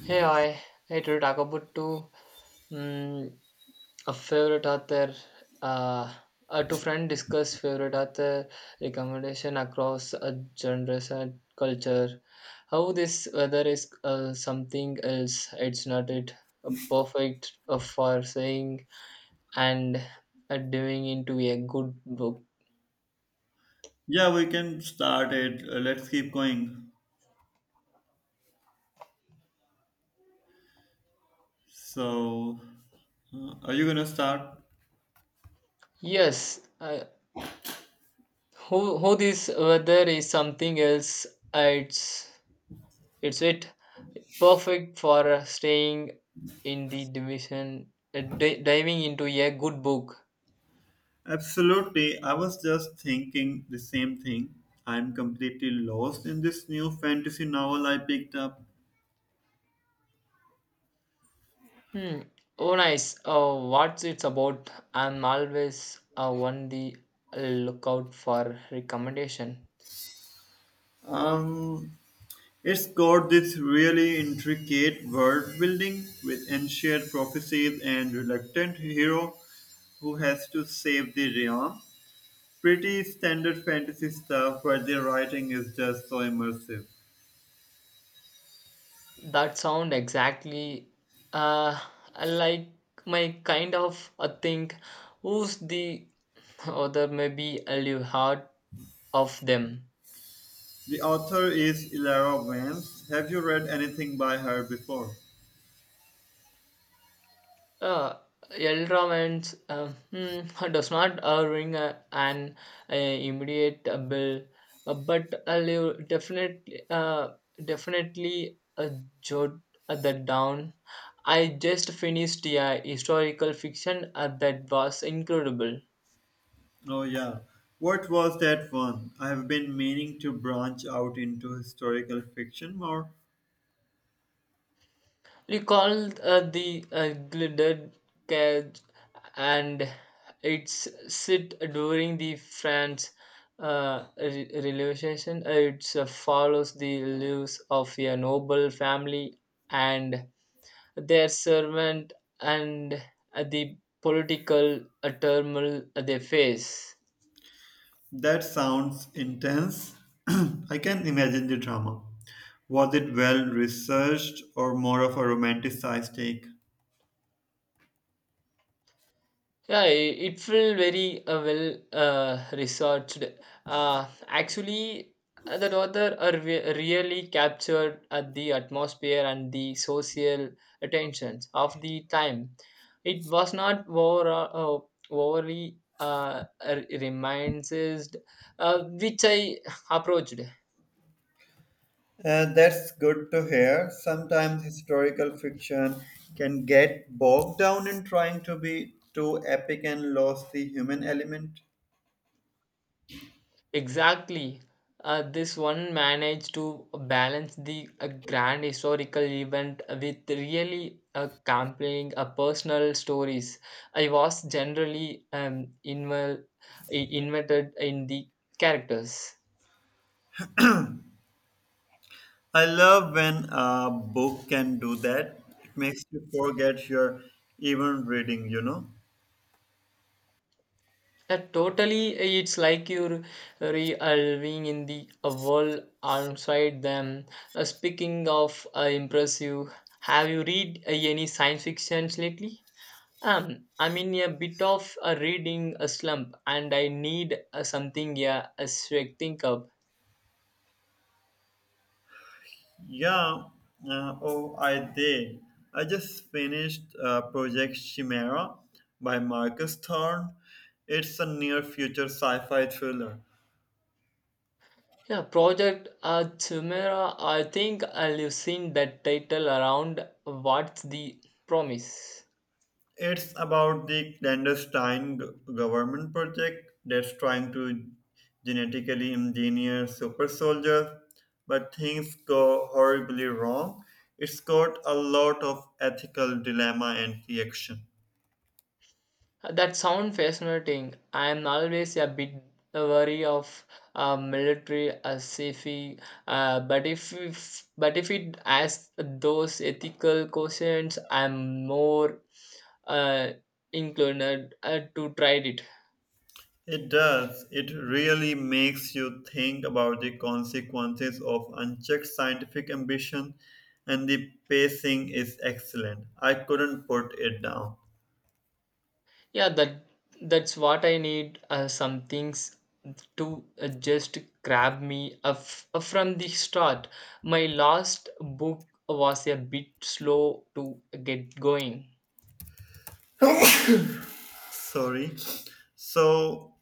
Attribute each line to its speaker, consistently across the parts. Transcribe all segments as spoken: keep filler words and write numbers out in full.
Speaker 1: Hey, I hey to talk about two um, a favorite author. Uh, uh, two friend discuss favorite author recommendation across uh, genres and culture. How this whether is uh, something else. It's not it uh, perfect uh, for saying and uh, doing into a good book.
Speaker 2: Yeah, we can start it. Uh, let's keep going. So, uh, are you gonna start?
Speaker 1: Yes, uh, who who this weather is something else. uh, It's it's it. perfect for uh, staying in the division, uh, di- diving into a good book.
Speaker 2: Absolutely. I was just thinking the same thing. I'm completely lost in this new fantasy novel I picked up.
Speaker 1: Hmm. Oh, nice. Uh, what's it's about? I'm always uh, on the lookout for recommendation.
Speaker 2: Um, it's got this really intricate world building with ancient prophecies and reluctant hero who has to save the realm. Pretty standard fantasy stuff, but the writing is just so immersive.
Speaker 1: That sound exactly uh, like my kind of a thing. Who's the other? Maybe a will heard of them.
Speaker 2: The author is Ilara Vance. Have you read anything by her before?
Speaker 1: Uh, Elra means uh, hmm, does not uh, ring a, an uh, immediate uh, bell, uh, but uh, you definitely uh, definitely a jot uh, that down. I just finished a historical fiction uh, that was incredible.
Speaker 2: Oh, yeah. What was that one? I have been meaning to branch out into historical fiction more.
Speaker 1: Recalled uh, the uh, glided cage and its sit during the France uh, re- revolution. It uh, follows the lives of a noble family and their servant and uh, the political uh, turmoil they face.
Speaker 2: That sounds intense. I can imagine the drama. Was it well researched or more of a romanticized take?
Speaker 1: Yeah, i- it felt very uh, well uh, researched. Uh, actually, uh, the author are re- really captured at the atmosphere and the social attentions of the time. It was not over, uh, overly uh, r- reminds, uh, which I approached.
Speaker 2: Uh, that's good to hear. Sometimes historical fiction can get bogged down in trying to be too epic and lose the human element.
Speaker 1: Exactly. Uh, this one managed to balance the uh, grand historical event with really uh, compelling uh, personal stories. I was generally um, invel- i- invented in the characters.
Speaker 2: I love when a book can do that. It makes you forget you're even reading, you know?
Speaker 1: Uh, totally, it's like you're re-living in the uh, world outside them. Uh, speaking of uh, impressive, have you read uh, any science fiction lately? Um, I'm in a bit of a reading a slump, and I need uh, something yeah, a swag think up.
Speaker 2: Yeah, uh, oh, I did. I just finished uh, Project Chimera by Marcus Thorne. It's a near future sci fi thriller.
Speaker 1: Yeah, Project uh, Chimera. I think I've seen that title around. What's the promise?
Speaker 2: It's about the clandestine g- government project that's trying to genetically engineer super soldiers, but things go horribly wrong. It's got a lot of ethical dilemma and reaction.
Speaker 1: That sound fascinating. I am always a bit wary of uh, military uh, safety, uh, but if, if but if it asks those ethical questions, I'm more uh, inclined uh, to try it.
Speaker 2: It does. It really makes you think about the consequences of unchecked scientific ambition, and the pacing is excellent. I couldn't put it down.
Speaker 1: Yeah, that that's what I need. Uh, some things to uh, just grab me af- from the start. My last book was a bit slow to get going.
Speaker 2: Sorry. So,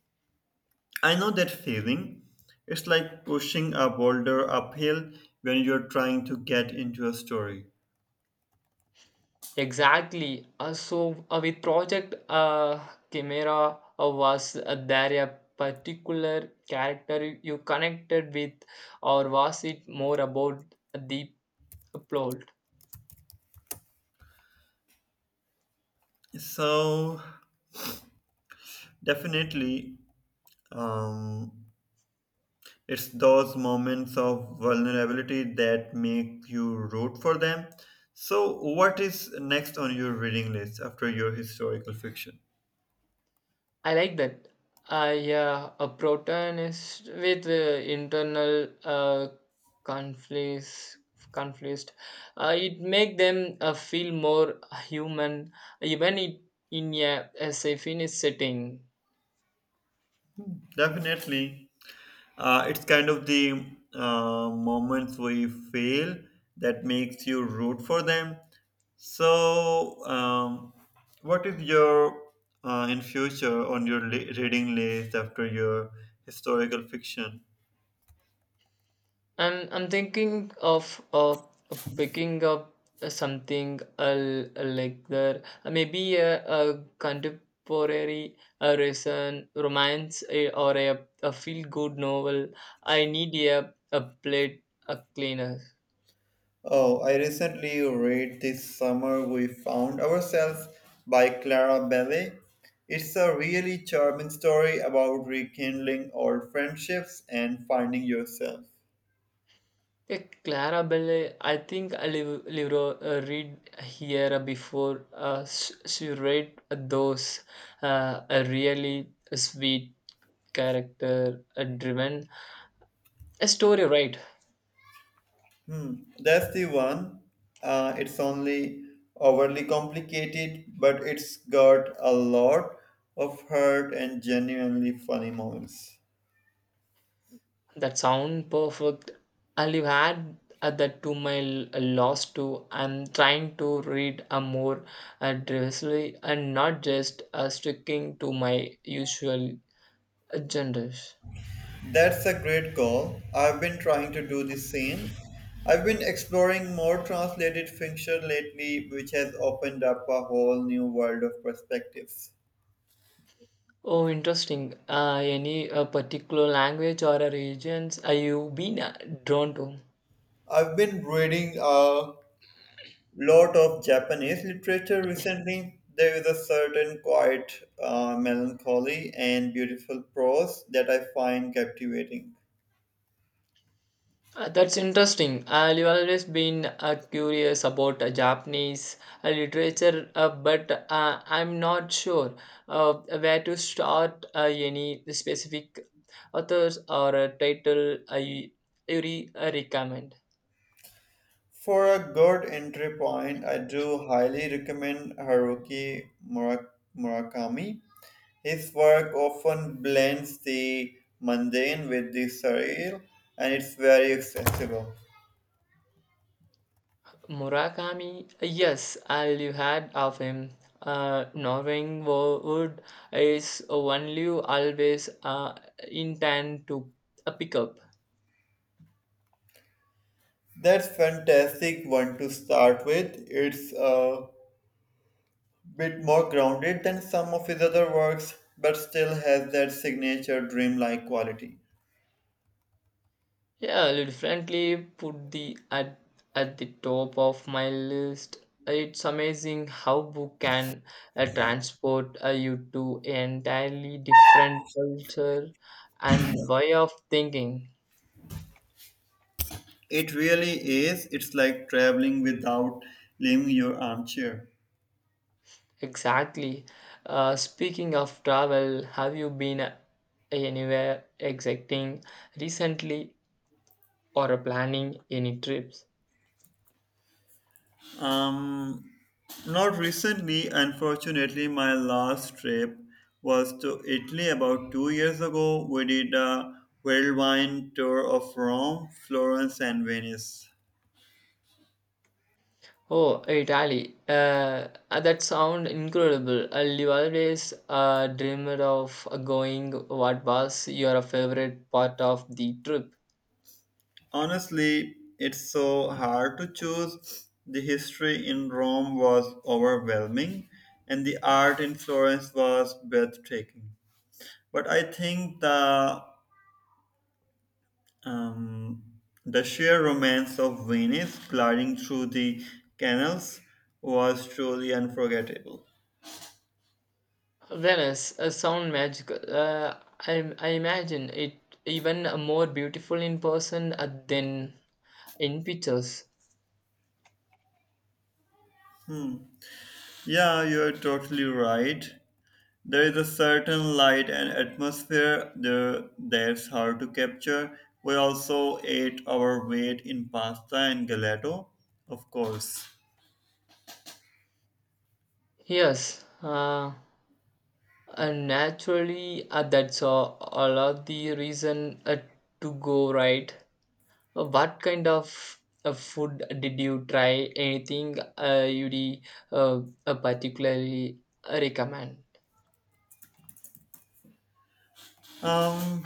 Speaker 2: I know that feeling. It's like pushing a boulder uphill when you're trying to get into a story.
Speaker 1: Exactly. Uh, so uh, with Project uh, Chimera uh, was uh, there a particular character you connected with, or was it more about the plot?
Speaker 2: So, definitely, um, it's those moments of vulnerability that make you root for them. So, what is next on your reading list after your historical fiction?
Speaker 1: I like that. Uh, yeah, a protagonist with uh, internal uh, conflicts. Conflicts. Uh, it make them uh, feel more human, even it, in a, a safe setting.
Speaker 2: Definitely. Uh, it's kind of the uh, moments we fail that makes you root for them. So, um, what is your uh, in future on your li- reading list after your historical fiction?
Speaker 1: I'm I'm thinking of uh, picking up something uh, like that. Uh, maybe a, a contemporary a recent romance uh, or a, a feel good novel. I need a a plate a cleaner.
Speaker 2: Oh, I recently read This Summer We Found Ourselves by Clara Belly. It's a really charming story about rekindling old friendships and finding yourself.
Speaker 1: A Clara Belle, I think I live, live uh, read here before uh, sh- she read those uh, a really sweet character uh, driven a story, right?
Speaker 2: Hmm, that's the one. Uh, it's only overly complicated, but it's got a lot of heart and genuinely funny moments.
Speaker 1: That sound perfect. I live had add uh, that to my l- uh, loss too. I'm trying to read a more uh, diversely and not just uh, sticking to my usual uh, genres.
Speaker 2: That's a great call. I've been trying to do the same. I've been exploring more translated fiction lately, which has opened up a whole new world of perspectives.
Speaker 1: Oh, interesting. Uh, any uh, particular language or uh, regions are you been uh, drawn to?
Speaker 2: I've been reading a lot of Japanese literature recently. There is a certain quiet uh, melancholy and beautiful prose that I find captivating.
Speaker 1: Uh, that's interesting. I've always been uh, curious about uh, Japanese uh, literature, uh, but uh, I'm not sure uh, where to start uh, any specific authors or a title uh, you, you re- uh, recommend.
Speaker 2: For a good entry point, I do highly recommend Haruki Murak- Murakami. His work often blends the mundane with the surreal, and it's very accessible.
Speaker 1: Murakami, uh, yes, I've heard of him. Uh, Norwing Wo- Wood is one you always uh, intend to uh, pick up.
Speaker 2: That's fantastic one to start with. It's uh, Bit more grounded than some of his other works, but still has that signature dreamlike quality.
Speaker 1: Yeah, I'll definitely put the at at the top of my list. It's amazing how book can uh, transport uh, you to an entirely different culture and way of thinking.
Speaker 2: It really is. It's like traveling without leaving your armchair.
Speaker 1: Exactly. Uh, speaking of travel, have you been uh, anywhere exciting recently or are planning any trips?
Speaker 2: Um, Not recently, unfortunately, my last trip was to Italy about two years ago. We did a whirlwind tour of Rome, Florence, and Venice.
Speaker 1: Oh, Italy. Uh, uh, that sound incredible. Uh, you always uh, dreamed of going. What was your favorite part of the trip?
Speaker 2: Honestly, it's so hard to choose. The history in Rome was overwhelming, and the art in Florence was breathtaking. But I think the um, the sheer romance of Venice gliding through the canals was truly unforgettable.
Speaker 1: Venice uh, sound magical. Uh, I, I imagine it even more beautiful in person uh, than in pictures.
Speaker 2: Yeah, you're totally right. There is a certain light and atmosphere there that's hard to capture. We also ate our weight in pasta and gelato, of course.
Speaker 1: Yes, uh, and naturally, uh, that's a a lot the reason uh, to go right. Uh, what kind of uh, food did you try? Anything uh, you'd uh, uh, particularly uh, recommend?
Speaker 2: Um,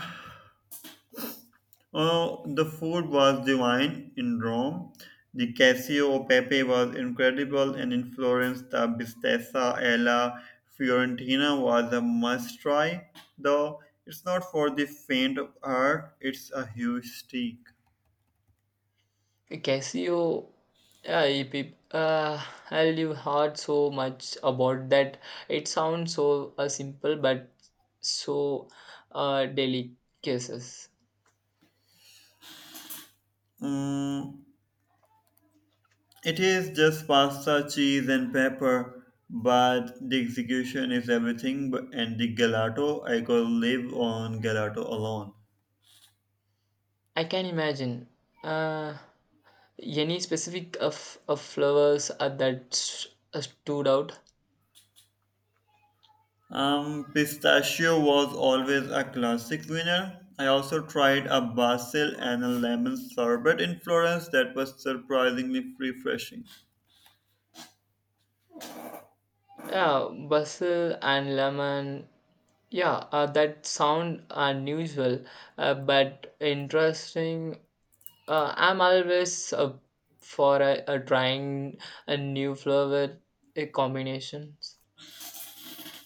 Speaker 2: oh, the food was divine in Rome. The Cassio Pepe was incredible, and in Florence, the Bistessa alla Fiorentina was a must try. Though it's not for the faint of heart, it's a huge steak.
Speaker 1: Casio, uh, if it- uh, I'll you heard so much about that. It sounds so uh, simple, but so uh, delicacies.
Speaker 2: Mm, it is just pasta, cheese, and pepper, but the execution is everything. b- And the gelato, I could live on gelato alone.
Speaker 1: I can imagine. Uh, any specific of, of flowers uh, that s- uh, stood out?
Speaker 2: Um, pistachio was always a classic winner. I also tried a basil and a lemon sorbet in Florence that was surprisingly refreshing.
Speaker 1: Yeah, basil and lemon yeah, uh, that sound uh, unusual, uh, but interesting. Uh, I'm always uh, for a, a trying a new flavor uh, combinations.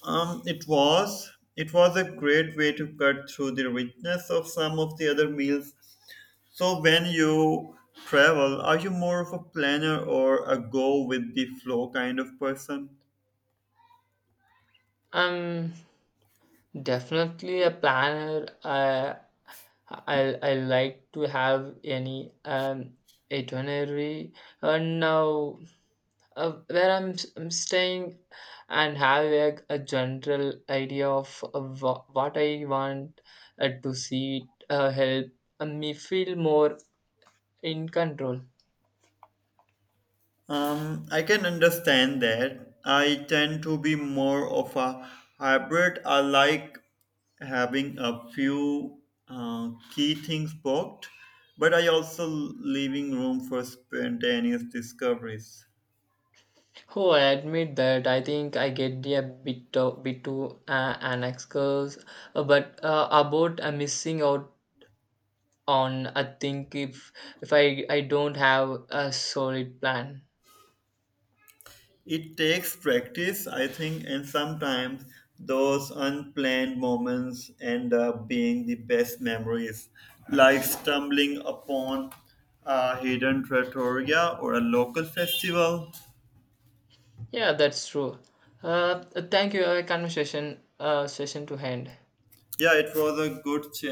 Speaker 2: Um, it was it was a great way to cut through the richness of some of the other meals. So when you travel, are you more of a planner or a go with the flow kind of person?
Speaker 1: I'm definitely a planner. Uh, I I like to have any um itinerary. And now uh, where I'm, s- I'm staying and have a, a general idea of uh, wha- what I want uh, to see uh, help me feel more in control.
Speaker 2: Um, I can understand that. I tend to be more of a hybrid. I like having a few uh, key things booked, but I also leaving room for spontaneous discoveries.
Speaker 1: Oh, I admit that I think I get a bit of, bit too uh, an excuse, uh, but uh, about uh, missing out on I think if if I I don't have a solid plan.
Speaker 2: It takes practice, I think, and sometimes those unplanned moments end up being the best memories, like stumbling upon a hidden trattoria or a local festival.
Speaker 1: Yeah, that's true. Uh, thank you. A conversation uh, session to end.
Speaker 2: Yeah, it was a good chat.